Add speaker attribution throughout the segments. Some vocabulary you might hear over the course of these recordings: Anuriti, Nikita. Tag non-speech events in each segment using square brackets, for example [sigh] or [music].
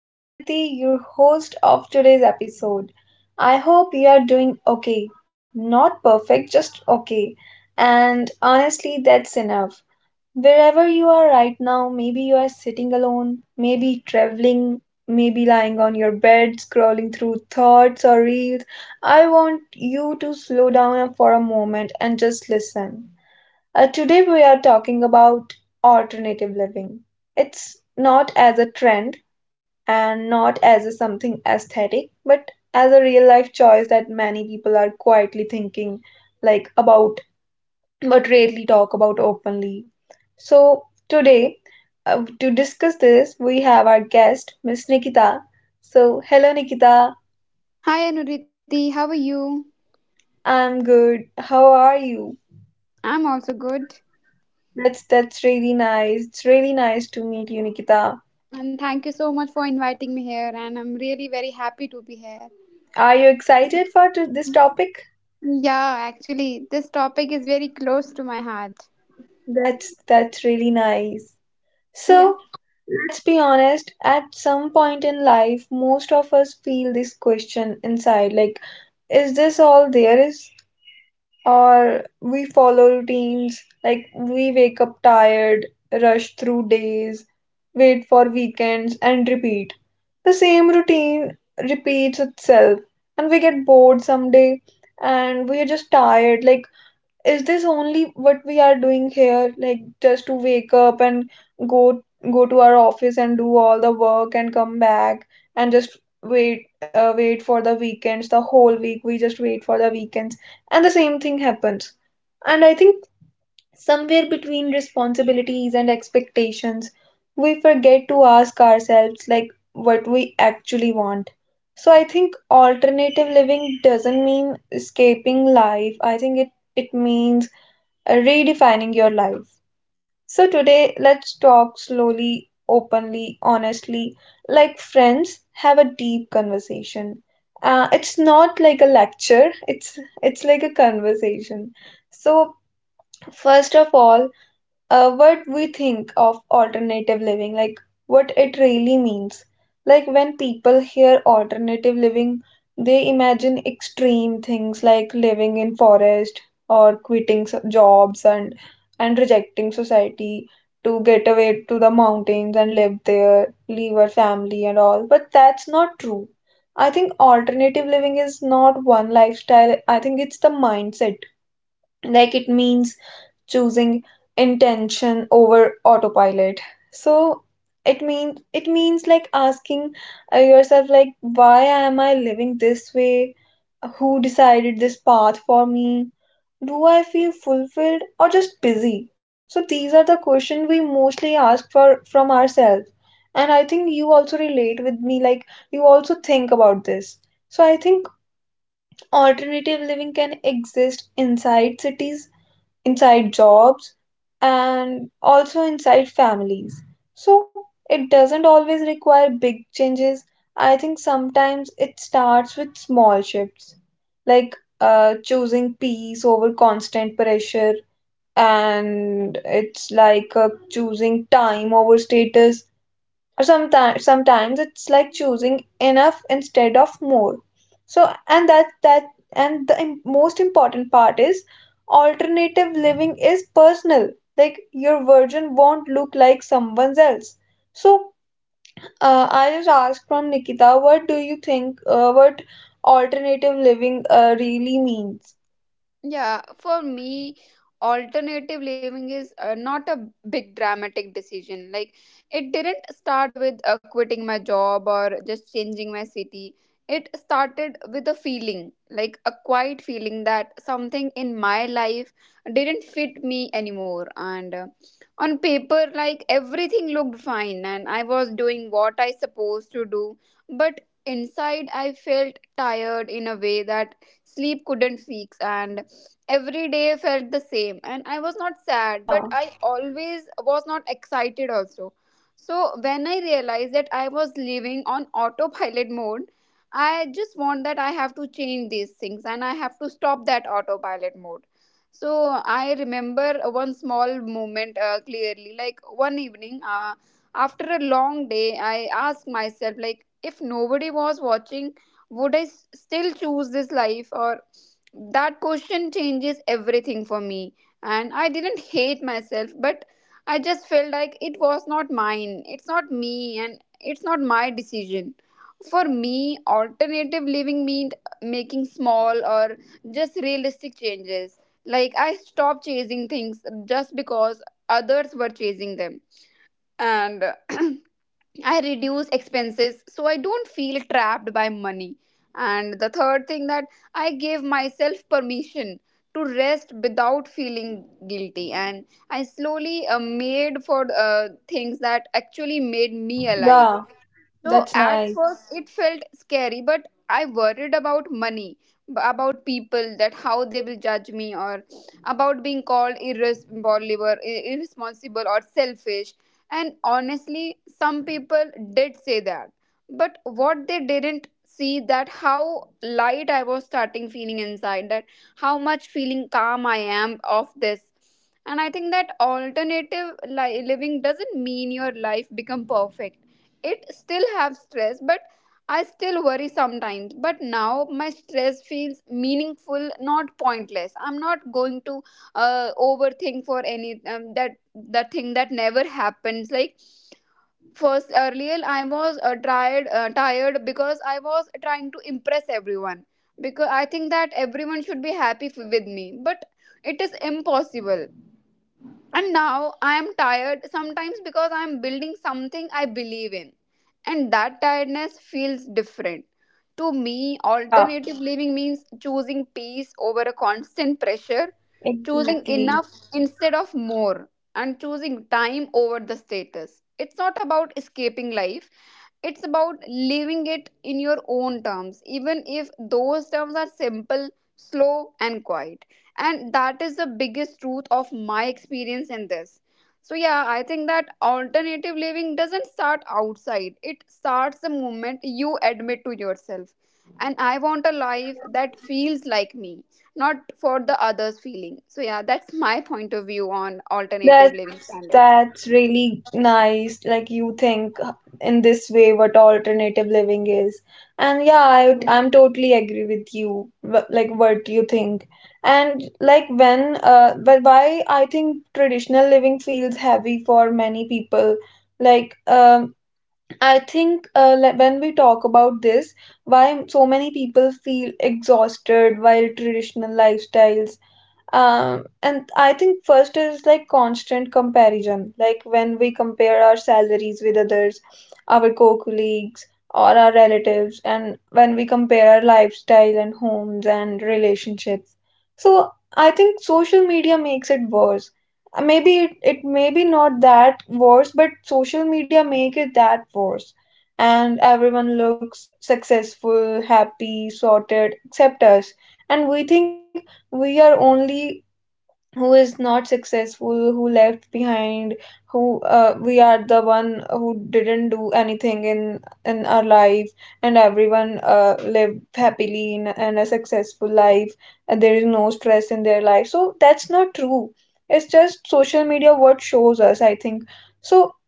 Speaker 1: This is Anuriti, your host of today's episode. I hope you are doing okay. Not perfect, just okay. And honestly, that's enough. Wherever you are right now, maybe you are sitting alone, maybe traveling, maybe lying on your bed, scrolling through thoughts or reels. I want you to slow down for a moment and just listen. Today we are talking about alternative living. It's not as a trend and not as a something aesthetic, but as a real life choice that many people are quietly thinking like about, but rarely talk about openly. So today, to discuss this, we have our guest, Miss Nikita. So hello Nikita,
Speaker 2: Hi Anuriti, how are you?
Speaker 1: I'm good. How are you?
Speaker 2: I'm also good.
Speaker 1: That's really nice. It's really nice to meet you, Nikita.
Speaker 2: And thank you so much for inviting me here and I'm really very happy to be here.
Speaker 1: Are you excited for this topic?
Speaker 2: Yeah, actually this topic is very close to my heart.
Speaker 1: That's really nice.
Speaker 2: Yeah.
Speaker 1: So, let's be honest, at some point in life, most of us feel this question inside, like, is this all there is, or we follow routines like we wake up tired, rush through days, wait for weekends and repeat. The same routine repeats itself and we get bored someday, and we're just tired, like, is this only what we are doing here? Like, just to wake up and go go to our office and do all the work and come back and just wait for the weekends. The whole week we just wait for the weekends, and the same thing happens. And I think somewhere between responsibilities and expectations, we forget to ask ourselves like what we actually want. So I think alternative living doesn't mean escaping life. I think it means redefining your life. So, today let's talk slowly, openly, honestly, like friends, have a deep conversation. It's not like a lecture, it's like a conversation. So, first of all, what we think of alternative living, like what it really means. Like when people hear alternative living, they imagine extreme things like living in forest, or quitting jobs, and rejecting society to get away to the mountains and live there, leave our family and all. But that's not true. I think alternative living is not one lifestyle. I think it's the mindset. Like, it means choosing intention over autopilot. So it means like asking yourself, like, why am I living this way, who decided this path for me, do I feel fulfilled or just busy? So these are the questions we mostly ask for from ourselves. And I think you also relate with me, like, you also think about this. So I think alternative living can exist inside cities, inside jobs, and also inside families. So it doesn't always require big changes. I think sometimes it starts with small shifts, like choosing peace over constant pressure, and it's like choosing time over status. Or sometimes it's like choosing enough instead of more. So and that, and the most important part is alternative living is personal, like your version won't look like someone else so I just asked from Nikita, what do you think, what alternative living really means?
Speaker 2: Yeah, for me, alternative living is not a big dramatic decision. Like, it didn't start with quitting my job or just changing my city. It started with a feeling, like a quiet feeling that something in my life didn't fit me anymore. And on paper, like everything looked fine and I was doing what I supposed to do. But inside, I felt tired in a way that sleep couldn't fix. And every day felt the same and I was not sad but
Speaker 1: Yeah.
Speaker 2: I always was not excited also. So when I realized that I was living on autopilot mode, I just want that I have to change these things and I have to stop that autopilot mode. So I remember one small moment clearly, like one evening, after a long day I asked myself, like if nobody was watching, would I still choose this life? Or that question changes everything for me. And I didn't hate myself, but I just felt like it was not mine, it's not me, and it's not my decision. For me, alternative living meant making small or just realistic changes. Like I stopped chasing things just because others were chasing them, and [clears throat] I reduce expenses so I don't feel trapped by money. And the third thing that I give myself permission to rest without feeling guilty. And I slowly made for things that actually made me alive.
Speaker 1: Yeah.
Speaker 2: So
Speaker 1: That's
Speaker 2: at
Speaker 1: nice.
Speaker 2: first it felt scary, but I worried about money, about people, that how they will judge me, or about being called irresponsible, irresponsible or selfish. And honestly, some people did say that, but what they didn't see that how light I was starting feeling inside, that how much feeling calm I am of this. And I think that alternative living doesn't mean your life become perfect. It still have stress, but I still worry sometimes, but now my stress feels meaningful, not pointless. I'm not going to overthink for any that the thing that never happens. Like first earlier I was tired because I was trying to impress everyone, because I think that everyone should be happy with me, but it is impossible. And now I am tired sometimes because I am building something I believe in. And that tiredness feels different. To me,
Speaker 1: Yeah,
Speaker 2: alternative living means choosing peace over a constant pressure, choosing
Speaker 1: exactly.
Speaker 2: enough instead of more, and choosing time over the status. It's not about escaping life, it's about living it in your own terms, even if those terms are simple, slow, and quiet. And that is the biggest truth of my experience in this. So, yeah, I think that alternative living doesn't start outside, it starts the moment you admit to yourself. And I want a life that feels like me, not for the others' feeling. So, yeah, that's my point of view on alternative
Speaker 1: That's...
Speaker 2: living standards.
Speaker 1: That's really nice. Like, you think in this way what alternative living is. And yeah, I'm totally agree with you. Like what you think. And like when, but why I think traditional living feels heavy for many people. Like, I think, like, when we talk about this, why so many people feel exhausted while traditional lifestyles, and I think first is like constant comparison, like when we compare our salaries with others, our co-colleagues or our relatives, and when we compare our lifestyle and homes and relationships. So I think social media makes it worse. Maybe it, it may be not that worse, but social media make it that worse. And everyone looks successful, happy, sorted, except us. And we think we are only who is not successful, who left behind, who, we are the one who didn't do anything in our life, and everyone lived happily in, and a successful life, and there is no stress in their life. So that's not true, it's just social media what shows us, I think. So,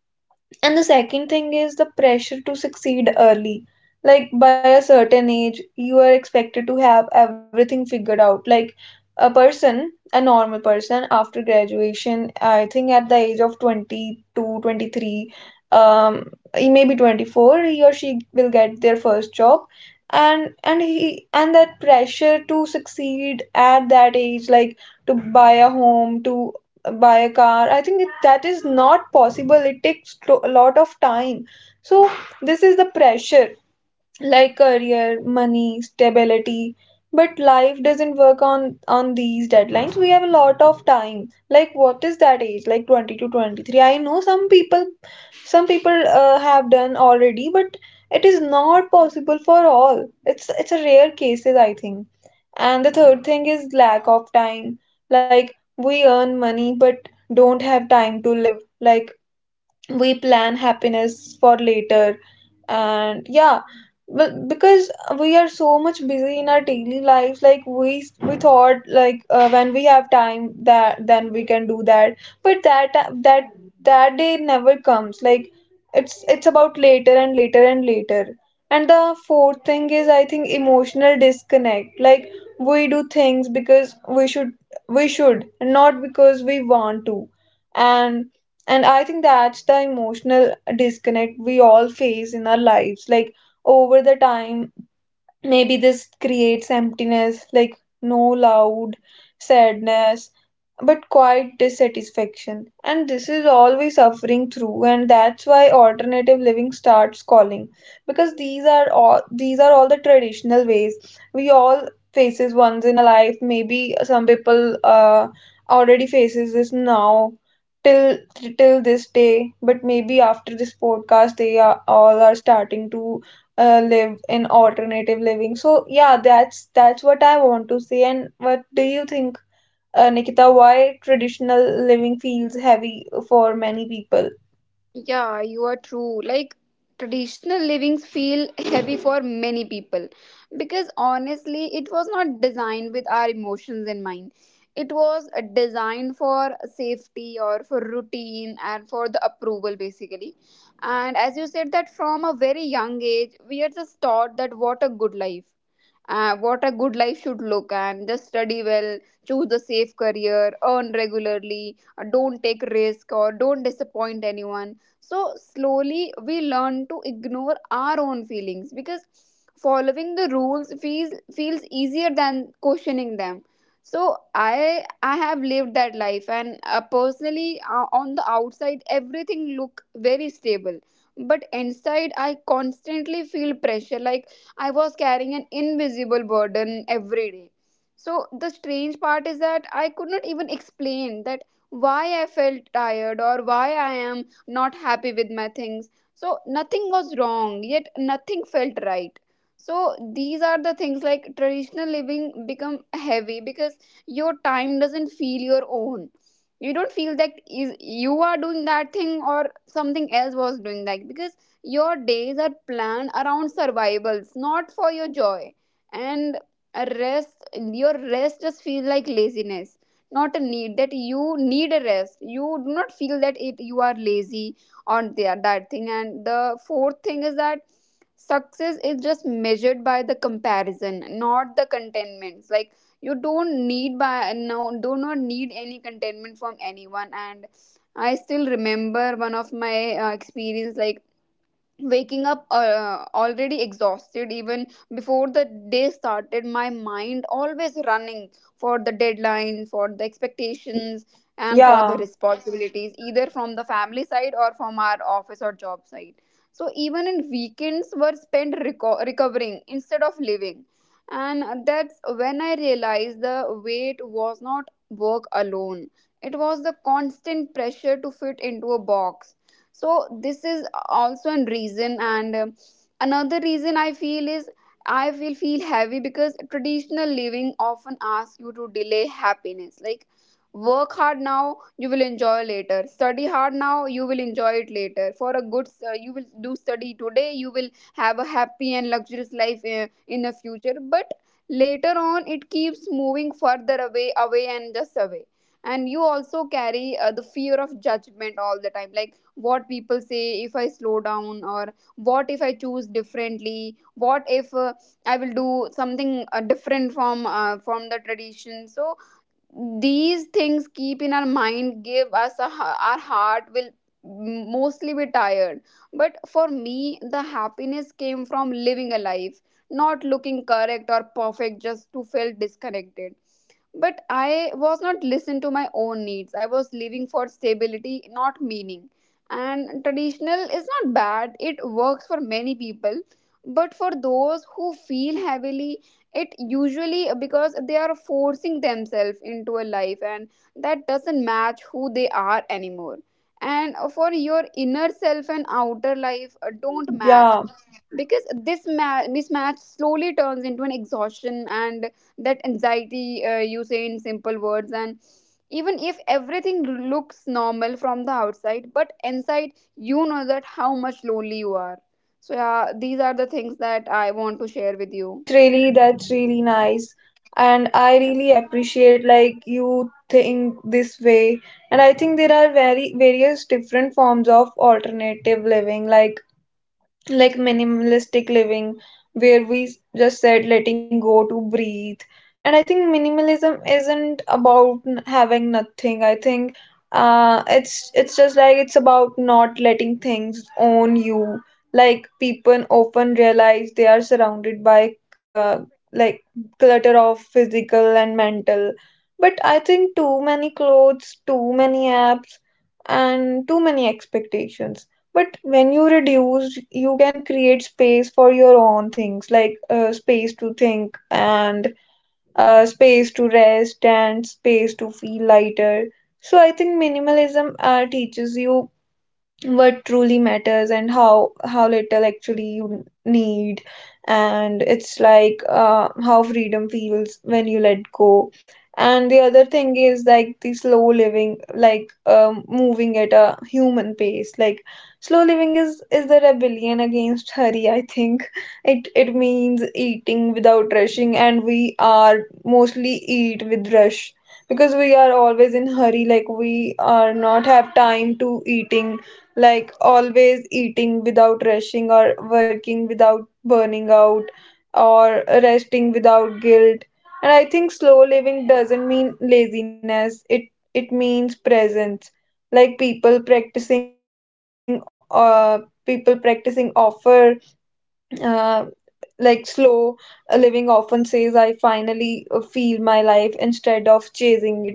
Speaker 1: and the second thing is the pressure to succeed early. Like, by a certain age, you are expected to have everything figured out. Like a person, a normal person, after graduation, I think at the age of 22, 23, um, maybe 24, he or she will get their first job. and he, and that pressure to succeed at that age, like to buy a home, to by a car, I think it, that is not possible, it takes a lot of time. So this is the pressure, like career, money, stability, but life doesn't work on these deadlines. We have a lot of time, like what is that age, like 20 to 23? I know some people have done already, but it is not possible for all, it's a rare cases, I think. And the third thing is lack of time. Like, we earn money, but don't have time to live, like, we plan happiness for later. And yeah, well, because we are so much busy in our daily lives, like, we thought like, when we have time, that then we can do that. But that, that that day never comes, like, it's about later and later and later. And the fourth thing is, I think, emotional disconnect, like, we do things because we should, we should not because we want to. And and I think that's the emotional disconnect we all face in our lives. Like, over the time, maybe this creates emptiness, like no loud sadness, but quite dissatisfaction. And this is all we suffering through, and that's why alternative living starts calling. Because these are all the traditional ways we all faces once in a life. Maybe some people already faces this now, till till this day, but maybe after this podcast, they are all are starting to live in alternative living. So yeah, that's what I want to say. And what do you think? Nikita, why traditional living feels heavy for many people?
Speaker 2: Yeah, you are true. Like traditional livings feel [laughs] heavy for many people because honestly, it was not designed with our emotions in mind. It was designed for safety or for routine and for the approval basically. And as you said that from a very young age, we are just taught that what a good life, what a good life should look, and just study well, choose a safe career, earn regularly, don't take risk or don't disappoint anyone. So slowly we learn to ignore our own feelings because following the rules feels easier than questioning them. So I have lived that life and, personally, on the outside everything look very stable, but inside I constantly feel pressure, like I was carrying an invisible burden every day. So the strange part is that I could not even explain that why I felt tired or why I am not happy with my things. So nothing was wrong, yet nothing felt right. So these are the things, like traditional living become heavy because your time doesn't feel your own. You don't feel that is you are doing that thing or something else was doing that, because your days are planned around survivals, not for your joy. And a rest, your rest just feels like laziness, not a need. That you need a rest. You do not feel that it you are lazy on the, that thing. And the fourth thing is that success is just measured by the comparison, not the contentments. Like you don't need by no do not need any contentment from anyone. And I still remember one of my experience, like waking up already exhausted even before the day started, my mind always running for the deadlines, for the expectations,
Speaker 1: Y-
Speaker 2: and for the
Speaker 1: Yeah,
Speaker 2: responsibilities either from the family side or from our office or job side. So even in weekends were spent recovering instead of living. And that's when I realized the weight was not work alone, it was the constant pressure to fit into a box. So this is also a reason. And another reason I feel is I feel heavy because traditional living often asks you to delay happiness, like work hard now you will enjoy later, study hard now you will enjoy it later, for a good, you will do study today, you will have a happy and luxurious life in the future. But later on it keeps moving further away, away, and just away. And you also carry the fear of judgment all the time, like what people say if I slow down, or what if I choose differently, what if I will do something different from the tradition. So these things keep in our mind, give us a, our heart will mostly be tired. But for me the happiness came from living a life not looking correct or perfect just to feel disconnected, but I was not listening to my own needs. I was living for stability, not meaning. And traditional is not bad, it works for many people. But for those who feel heavily, it usually because they are forcing themselves into a life and that doesn't match who they are anymore. And for your inner self and outer life don't match,
Speaker 1: yeah.
Speaker 2: because this mismatch slowly turns into an exhaustion and that anxiety, you say in simple words. And even if everything looks normal from the outside, but inside you know that how much lonely you are. So yeah, these are the things that I want to share with you.
Speaker 1: That's really nice. And
Speaker 2: Yeah.
Speaker 1: I really appreciate like you think this way. And I think there are very various different forms of alternative living, like minimalistic living, where we just said letting go to breathe. And I think minimalism isn't about having nothing. I think, it's just like, it's about not letting things own you. Like, people often realize they are surrounded by, uh like, clutter of physical and mental, but I think too many clothes, too many apps, and too many expectations. But when you reduce, you can create space for your own things, like space to think, and space to rest, and space to feel lighter. So I think minimalism teaches you what truly matters and how little actually you need. And it's like how freedom feels when you let go. And the other thing is like the slow living, like, moving at a human pace. Like, slow living is the rebellion against hurry, I think. It means eating without rushing, and we are mostly eat with rush, because we are always in hurry, like, we are not have time to eating, like, always eating without rushing, or working without burning out, or resting without guilt. And I think slow living doesn't mean laziness, it means presence. Like, people practicing, people practicing offer, uh, like, slow living often says, I finally feel my life instead of chasing it.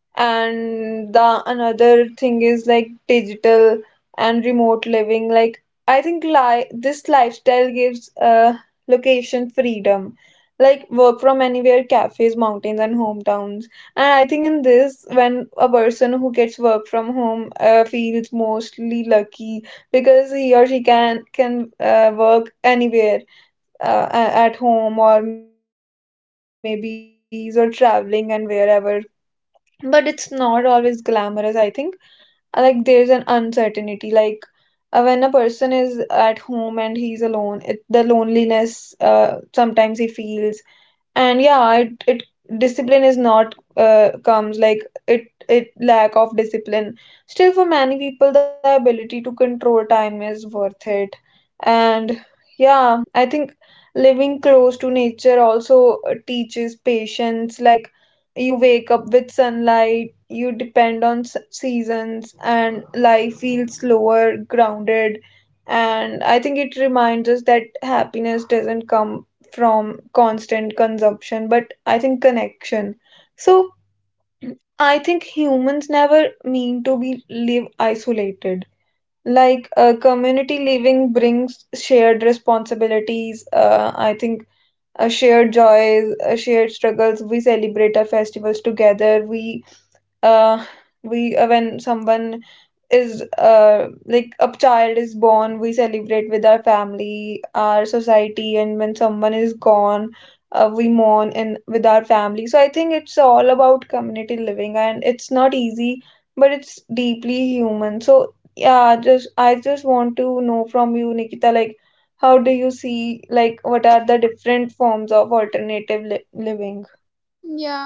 Speaker 1: And the another thing is like digital and remote living. Like, I think, this lifestyle gives location freedom, like work from anywhere, cafes, mountains, and hometowns. And I think in this, when a person who gets work from home feels mostly lucky, because he or she can work anywhere, at home, or maybe you're traveling and wherever. But it's not always glamorous, I think. Like, there's an uncertainty, like, when a person is at home and he's alone, the loneliness sometimes he feels. And yeah, it discipline is not comes, like, it lack of discipline. Still, for many people, the ability to control time is worth it. And yeah, I think living close to nature also teaches patience, like, you wake up with sunlight, you depend on seasons, and life feels slower, grounded. And I think it reminds us that happiness doesn't come from constant consumption, but, I think, connection. So I think humans never mean to be live isolated. Like, community living brings shared responsibilities. I think, shared joys, shared struggles. We celebrate our festivals together. Uh, we when someone is like a child is born, we celebrate with our family, our society, and when someone is gone, we mourn and with our family. So I think it's all about community living, and it's not easy, but it's deeply human. So yeah, just I just want to know from you, Nikita, like, how do you see, like, what are the different forms of alternative living?
Speaker 2: Yeah,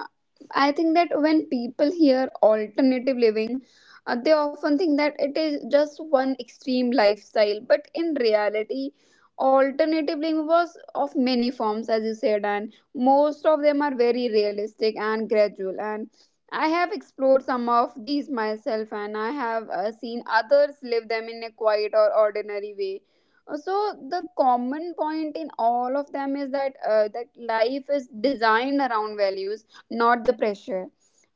Speaker 2: I think that when people hear alternative living, they often think that it is just one extreme lifestyle. But in reality, alternative living was of many forms, as you said, and most of them are very realistic and gradual. And I have explored some of these myself, and I have seen others live them in a quiet or ordinary way. So the common point in all of them is that that life is designed around values, not the pressure.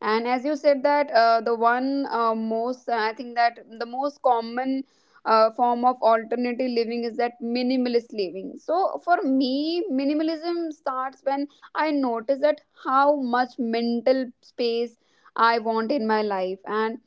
Speaker 2: And as you said that, the one, most, I think that the most common form of alternative living is that minimalist living. So for me minimalism starts when I notice that how much mental space I want in my life. And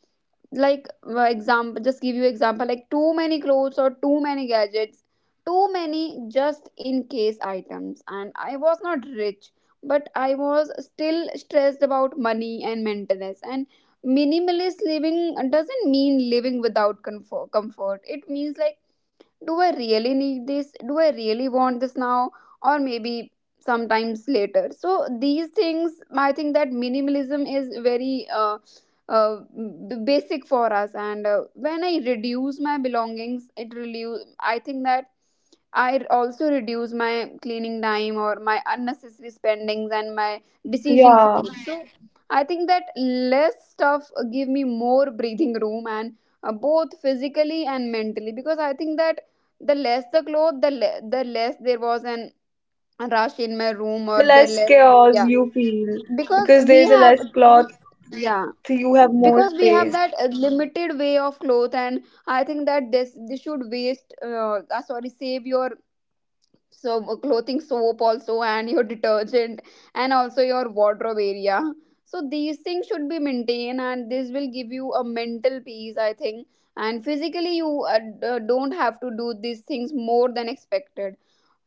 Speaker 2: like, example, just give you example, like too many clothes or too many gadgets, too many just in case items. And I was not rich, but I was still stressed about money and maintenance. And minimalist living doesn't mean living without comfort. It means like, do I really need this? Do I really want this now? Or maybe sometimes later. So these things, I think that minimalism is very, uh, basic for us. And when I reduce my belongings it reduce. I think that I also reduce my cleaning time or my unnecessary spendings and my decision
Speaker 1: Yeah,
Speaker 2: fatigue. So I think that less stuff give me more breathing room and both physically and mentally because I think that the less the cloth, the less there was an rush in my room, or
Speaker 1: the
Speaker 2: the
Speaker 1: less
Speaker 2: less,
Speaker 1: chaos
Speaker 2: yeah,
Speaker 1: you feel.
Speaker 2: because
Speaker 1: Because
Speaker 2: we
Speaker 1: there's a
Speaker 2: have,
Speaker 1: less cloth.
Speaker 2: yeah,
Speaker 1: So you have more
Speaker 2: because we have
Speaker 1: space.
Speaker 2: that limited way of cloth, and I think that this should waste, sorry, save your so clothing soap also and your detergent and also your wardrobe area. So these things should be maintained and this will give you a mental peace I think. And physically you don't have to do these things more than expected.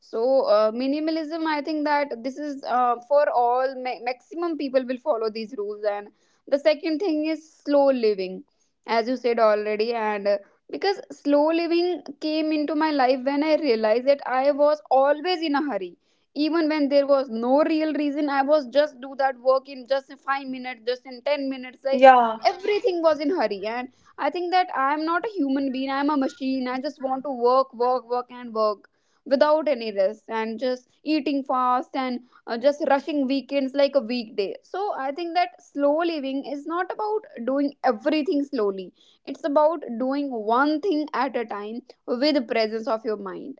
Speaker 2: So minimalism, I think that this is for all maximum people will follow these rules. And the second thing is slow living, as you said already, and because slow living came into my life when I realized that I was always in a hurry. Even when there was no real reason, I was just do that work in just in 5 minutes, just in 10 minutes. Like
Speaker 1: Yeah,
Speaker 2: everything was in hurry, and I think that I am not a human being. I am a machine. I just want to work, work, work, and work without any rest, and just eating fast and just rushing weekends like a weekday. So I think that slow living is not about doing everything slowly, it's about doing one thing at a time with the presence of your mind.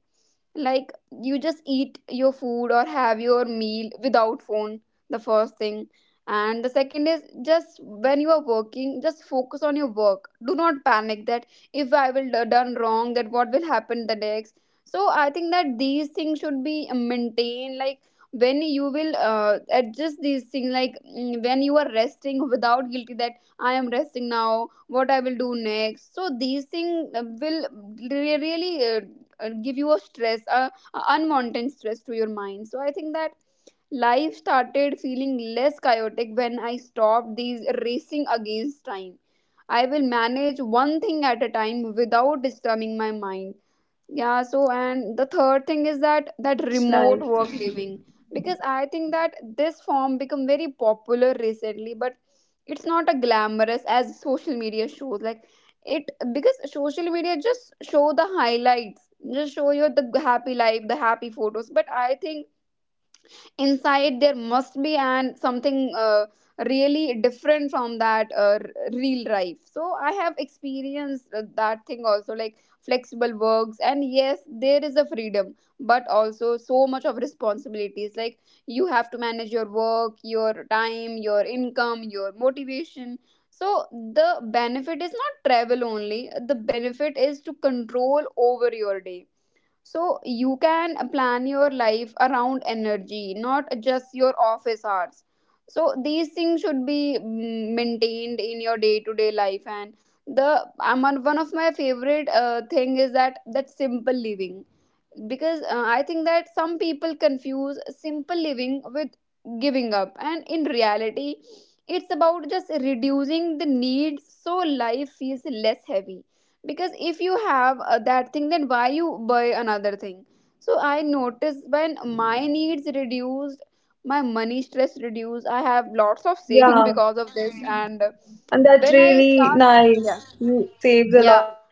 Speaker 2: Like, you just eat your food or have your meal without phone, the first thing. And the second is, just when you are working, just focus on your work. Do not panic that if I will do- done wrong, that what will happen the next. So I think that these things should be maintained. Like, when you will adjust these things, like when you are resting without guilty, that I am resting now, what I will do next, so these things will really give you a stress, a unwanted stress to your mind. So I think that life started feeling less chaotic when I stopped these racing against time. I will manage one thing at a time without disturbing my mind, yeah. So and the third thing is that that
Speaker 1: that's nice.
Speaker 2: remote work living, because I think that this form become very popular recently, but it's not a glamorous as social media shows. Like it, because social media just show the highlights, just show you the happy life, the happy photos. But I think inside there must be an something really different from that real life. So I have experienced that thing also, like flexible works. And yes, there is a freedom, but also so much of responsibilities. Like, you have to manage your work, your time, your income, your motivation. So the benefit is not travel only, the benefit is to control over your day. So you can plan your life around energy, not just your office hours. So these things should be maintained in your day to day life. And one of my favorite thing is that simple living, because I think that some people confuse simple living with giving up, and in reality, it's about just reducing the needs so life feels less heavy, because if you have that thing, then why you buy another thing. So I noticed when my needs reduced, my money stress reduced, I have lots of saving
Speaker 1: Yeah,
Speaker 2: because of this, and
Speaker 1: and that's
Speaker 2: when I
Speaker 1: really
Speaker 2: start, yeah,
Speaker 1: nice. You saves a
Speaker 2: yeah,
Speaker 1: lot.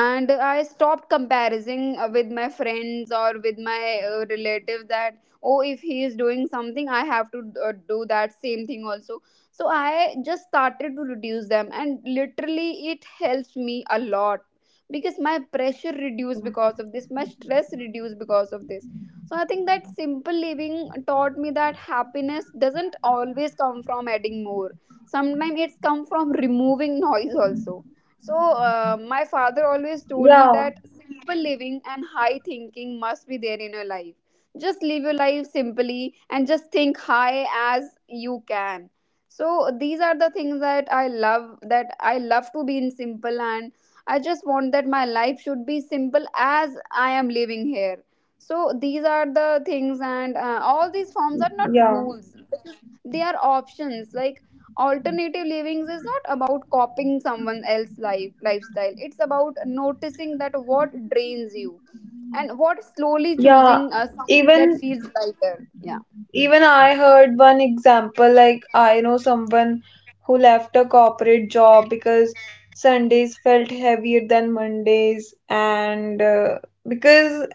Speaker 2: and I stopped comparing with my friends or with my relatives, that oh, if he is doing something, I have to do that same thing also. So I just started to reduce them and literally it helps me a lot, because my pressure
Speaker 1: Yeah,
Speaker 2: reduced because of this, my stress reduced because of this. So I think that simple living taught me that happiness doesn't always come from adding more. Sometimes it's come from removing [laughs] noise also. So, my father always told me
Speaker 1: yeah,
Speaker 2: that simple living and high thinking must be there in your life. Just live your life simply and just think high as you can. So, these are the things that I love to be in simple, and I just want that my life should be simple as I am living here. So, these are the things, and all these forms are not
Speaker 1: yeah,
Speaker 2: rules, they are options. Like, alternative livings is not about copying someone else's lifestyle. It's about noticing that what drains you, and what slowly
Speaker 1: yeah.
Speaker 2: choosing something that
Speaker 1: Even
Speaker 2: feels lighter, yeah.
Speaker 1: Even I heard one example, like, I know someone who left a corporate job because Sundays felt heavier than Mondays, and because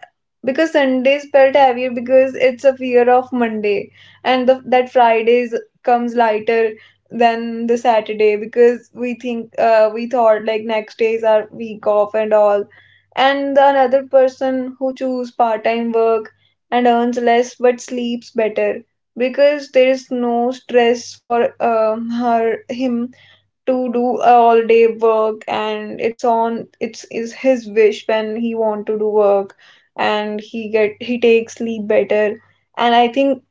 Speaker 1: because Sundays felt heavier because it's a fear of Monday, and that Fridays comes lighter than the Saturday, because we think, we thought like next days are week off and all. And the another person who choose part-time work and earns less but sleeps better, because there is no stress for her him to do all day work, and it's on, it's is his wish when he want to do work, and he get, he takes sleep better. And I think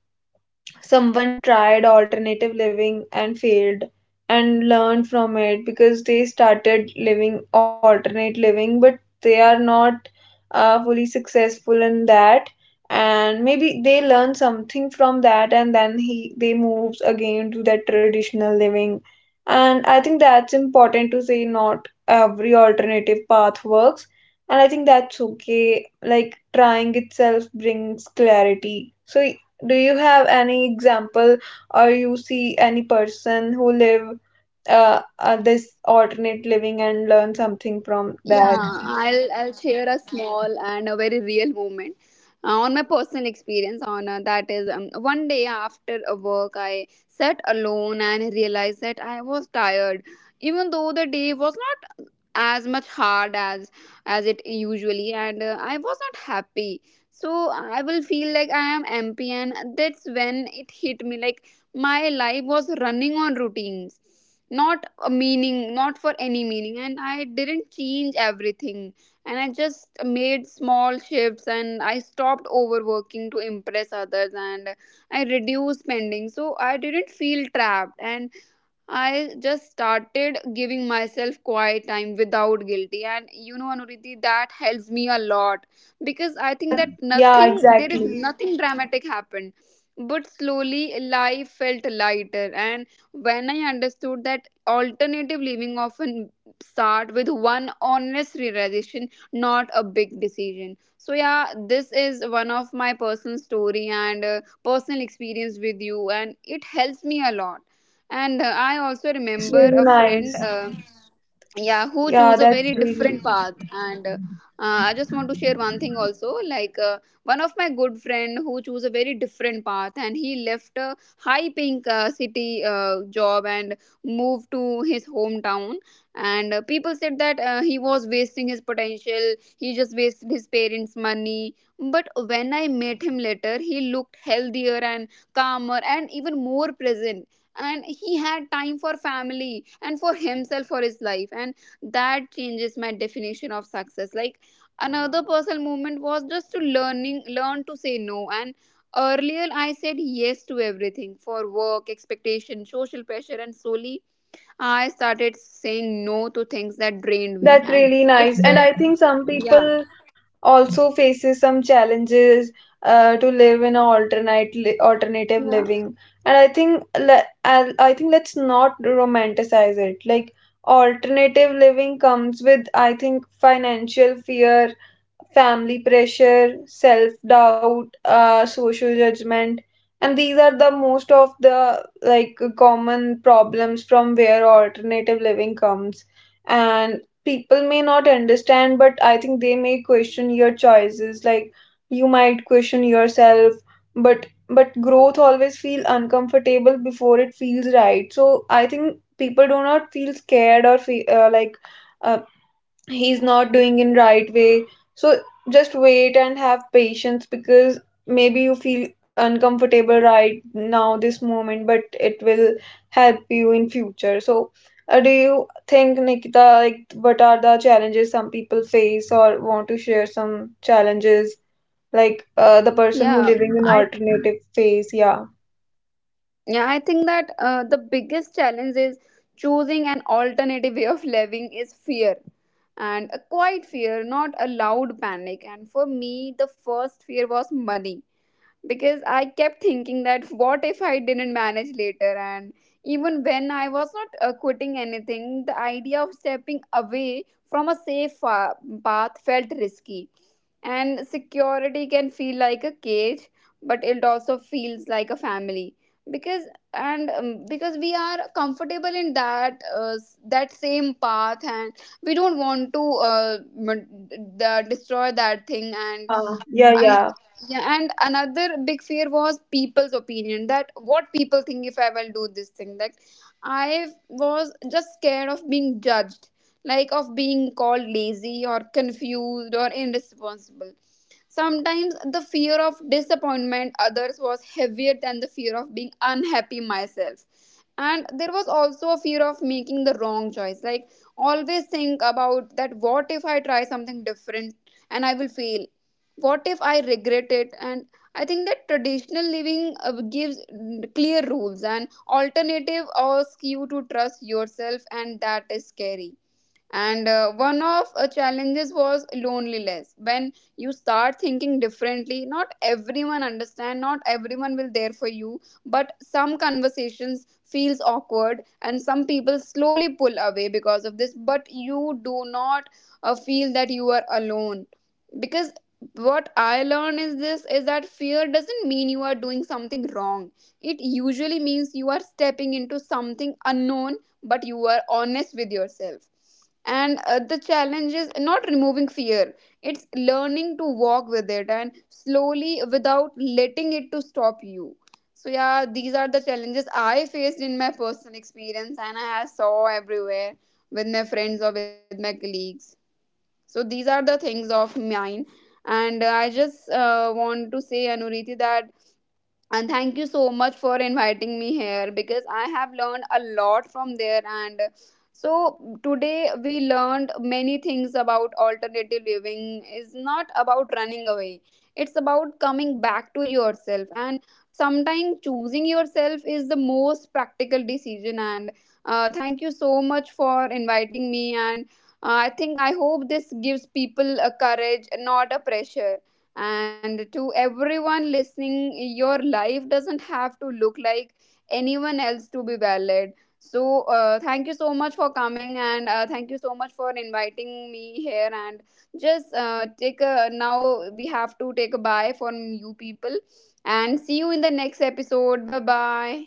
Speaker 1: someone tried alternative living and failed, and learned from it, because they started living alternate living, but they are not fully successful in that. And maybe they learn something from that, and then he they moves again to that traditional living. And I think that's important to say, not every alternative path works. And I think that's okay. Like, trying itself brings clarity. So do you have any example, or you see any person who live this alternate living and learn
Speaker 2: Yeah,
Speaker 1: something from
Speaker 2: I'll
Speaker 1: that?
Speaker 2: I'll share a small and a very real moment on my personal experience. On that is one day after a work, I sat alone and realized that I was tired, even though the day was not as much hard as it usually, and I was not happy. So I will feel like I am empty, and that's when it hit me, like my life was running on routines, not a meaning, not for any meaning. And I didn't change everything, and I just made small shifts, and I stopped overworking to impress others, and I reduced spending so I didn't feel trapped. And I just started giving myself quiet time without guilty. And you know, Anuriti, that helps me a lot, because I think
Speaker 1: That
Speaker 2: that
Speaker 1: yeah,
Speaker 2: nothing, there is
Speaker 1: exactly.
Speaker 2: nothing dramatic happened. But slowly, life felt lighter. And when I understood that alternative living often start with one honest realization, not a big decision. So yeah, this is one of my personal story and personal experience with you, and it helps me a lot. And I also
Speaker 1: That's
Speaker 2: remember
Speaker 1: really
Speaker 2: a friend,
Speaker 1: nice.
Speaker 2: yeah, who
Speaker 1: Yeah,
Speaker 2: choose a
Speaker 1: that's
Speaker 2: very
Speaker 1: really
Speaker 2: different path, and I just want to share one thing also, like one of my good friend who chose a very different path, and he left a high paying city job and moved to his hometown. And people said that he was wasting his potential, he just wasted his parents money. But when I met him later, he looked healthier and calmer and even more present, and he had time for family and for [laughs] himself, for his life. And that changes my definition of success. Like, another personal moment was just to learn to say no. And earlier I said yes to everything, for work expectation, social pressure, and slowly I started saying no to things that drained me,
Speaker 1: That's
Speaker 2: and
Speaker 1: really
Speaker 2: it
Speaker 1: Nice. And
Speaker 2: felt,
Speaker 1: I think some
Speaker 2: yeah,
Speaker 1: people also faces some challenges to live in a alternate li alternative living. And I think I I think, let's not romanticize it. Like, alternative living comes with, I think, financial fear, family pressure, self doubt, social judgment, and these are the most of the, like, common problems from where alternative living comes. And people may not understand, but I think they may question your choices. Like, you might question yourself, but growth always feel uncomfortable before it feels right. So I think people do not feel scared or like, uh, he's not doing in right way. So just wait and have patience, because maybe you feel uncomfortable right now this moment, but it will help you in future. So do you think, Nikita, like, what are the challenges some people face, or want to share some challenges, like, the
Speaker 2: yeah,
Speaker 1: person who
Speaker 2: I
Speaker 1: living in alternative phase? Yeah.
Speaker 2: Yeah, I think that the biggest challenge is choosing an alternative way of living is fear, and a quiet fear, not a loud panic. And for me, the first fear was money, because I kept thinking that what if I didn't manage later? And even when I was not quitting anything, the idea of stepping away from a safe path felt risky. And security can feel like a cage, but it also feels like a family, because because we are comfortable in that that same path, and we don't want to destroy that thing. and
Speaker 1: Yeah. Yeah.
Speaker 2: and
Speaker 1: Yeah.
Speaker 2: yeah, and another big fear was people's opinion, that what people think if I will do this thing. Like, I was just scared of being judged, like of being called lazy or confused or irresponsible. Sometimes the fear of disappointment others was heavier than the fear of being unhappy myself. And there was also a fear of making the wrong choice. Like, always think about that, what if I try something different and I will fail, what if I regret it. And I think that traditional living gives clear rules, and alternative asks you to trust yourself, and
Speaker 1: Yeah.
Speaker 2: that is scary. And one of
Speaker 1: That's true.
Speaker 2: challenges was loneliness. When you start thinking differently, not everyone understand, not everyone will there for you, but some conversations feels awkward and some people slowly pull away because of this. But you do not feel that you are alone, because what I learned is this is that fear doesn't mean you are doing something wrong, it usually means you are stepping into something unknown, but you are honest with yourself. And the challenge is not removing fear, it's learning to walk with it and slowly without letting it to stop you. So yeah, these are the challenges I faced in my personal experience, and I have saw everywhere with my friends or with my colleagues. So these are the things of mine. And I just want to say, Anuriti, that, and thank you so much for inviting me here, because I have learned a lot from there. And so today we learned many things about alternative living is not about running away, it's about coming back to yourself, and sometimes choosing yourself is the most practical decision. And thank you so much for inviting me, and I think I hope this gives people a courage, not a pressure. And to everyone listening, your life doesn't have to look like anyone else to be valid. So, thank you so much for coming, and thank you so much for inviting me here. And just take a now, we have to take a bye from you people and see you in the next episode. Bye bye.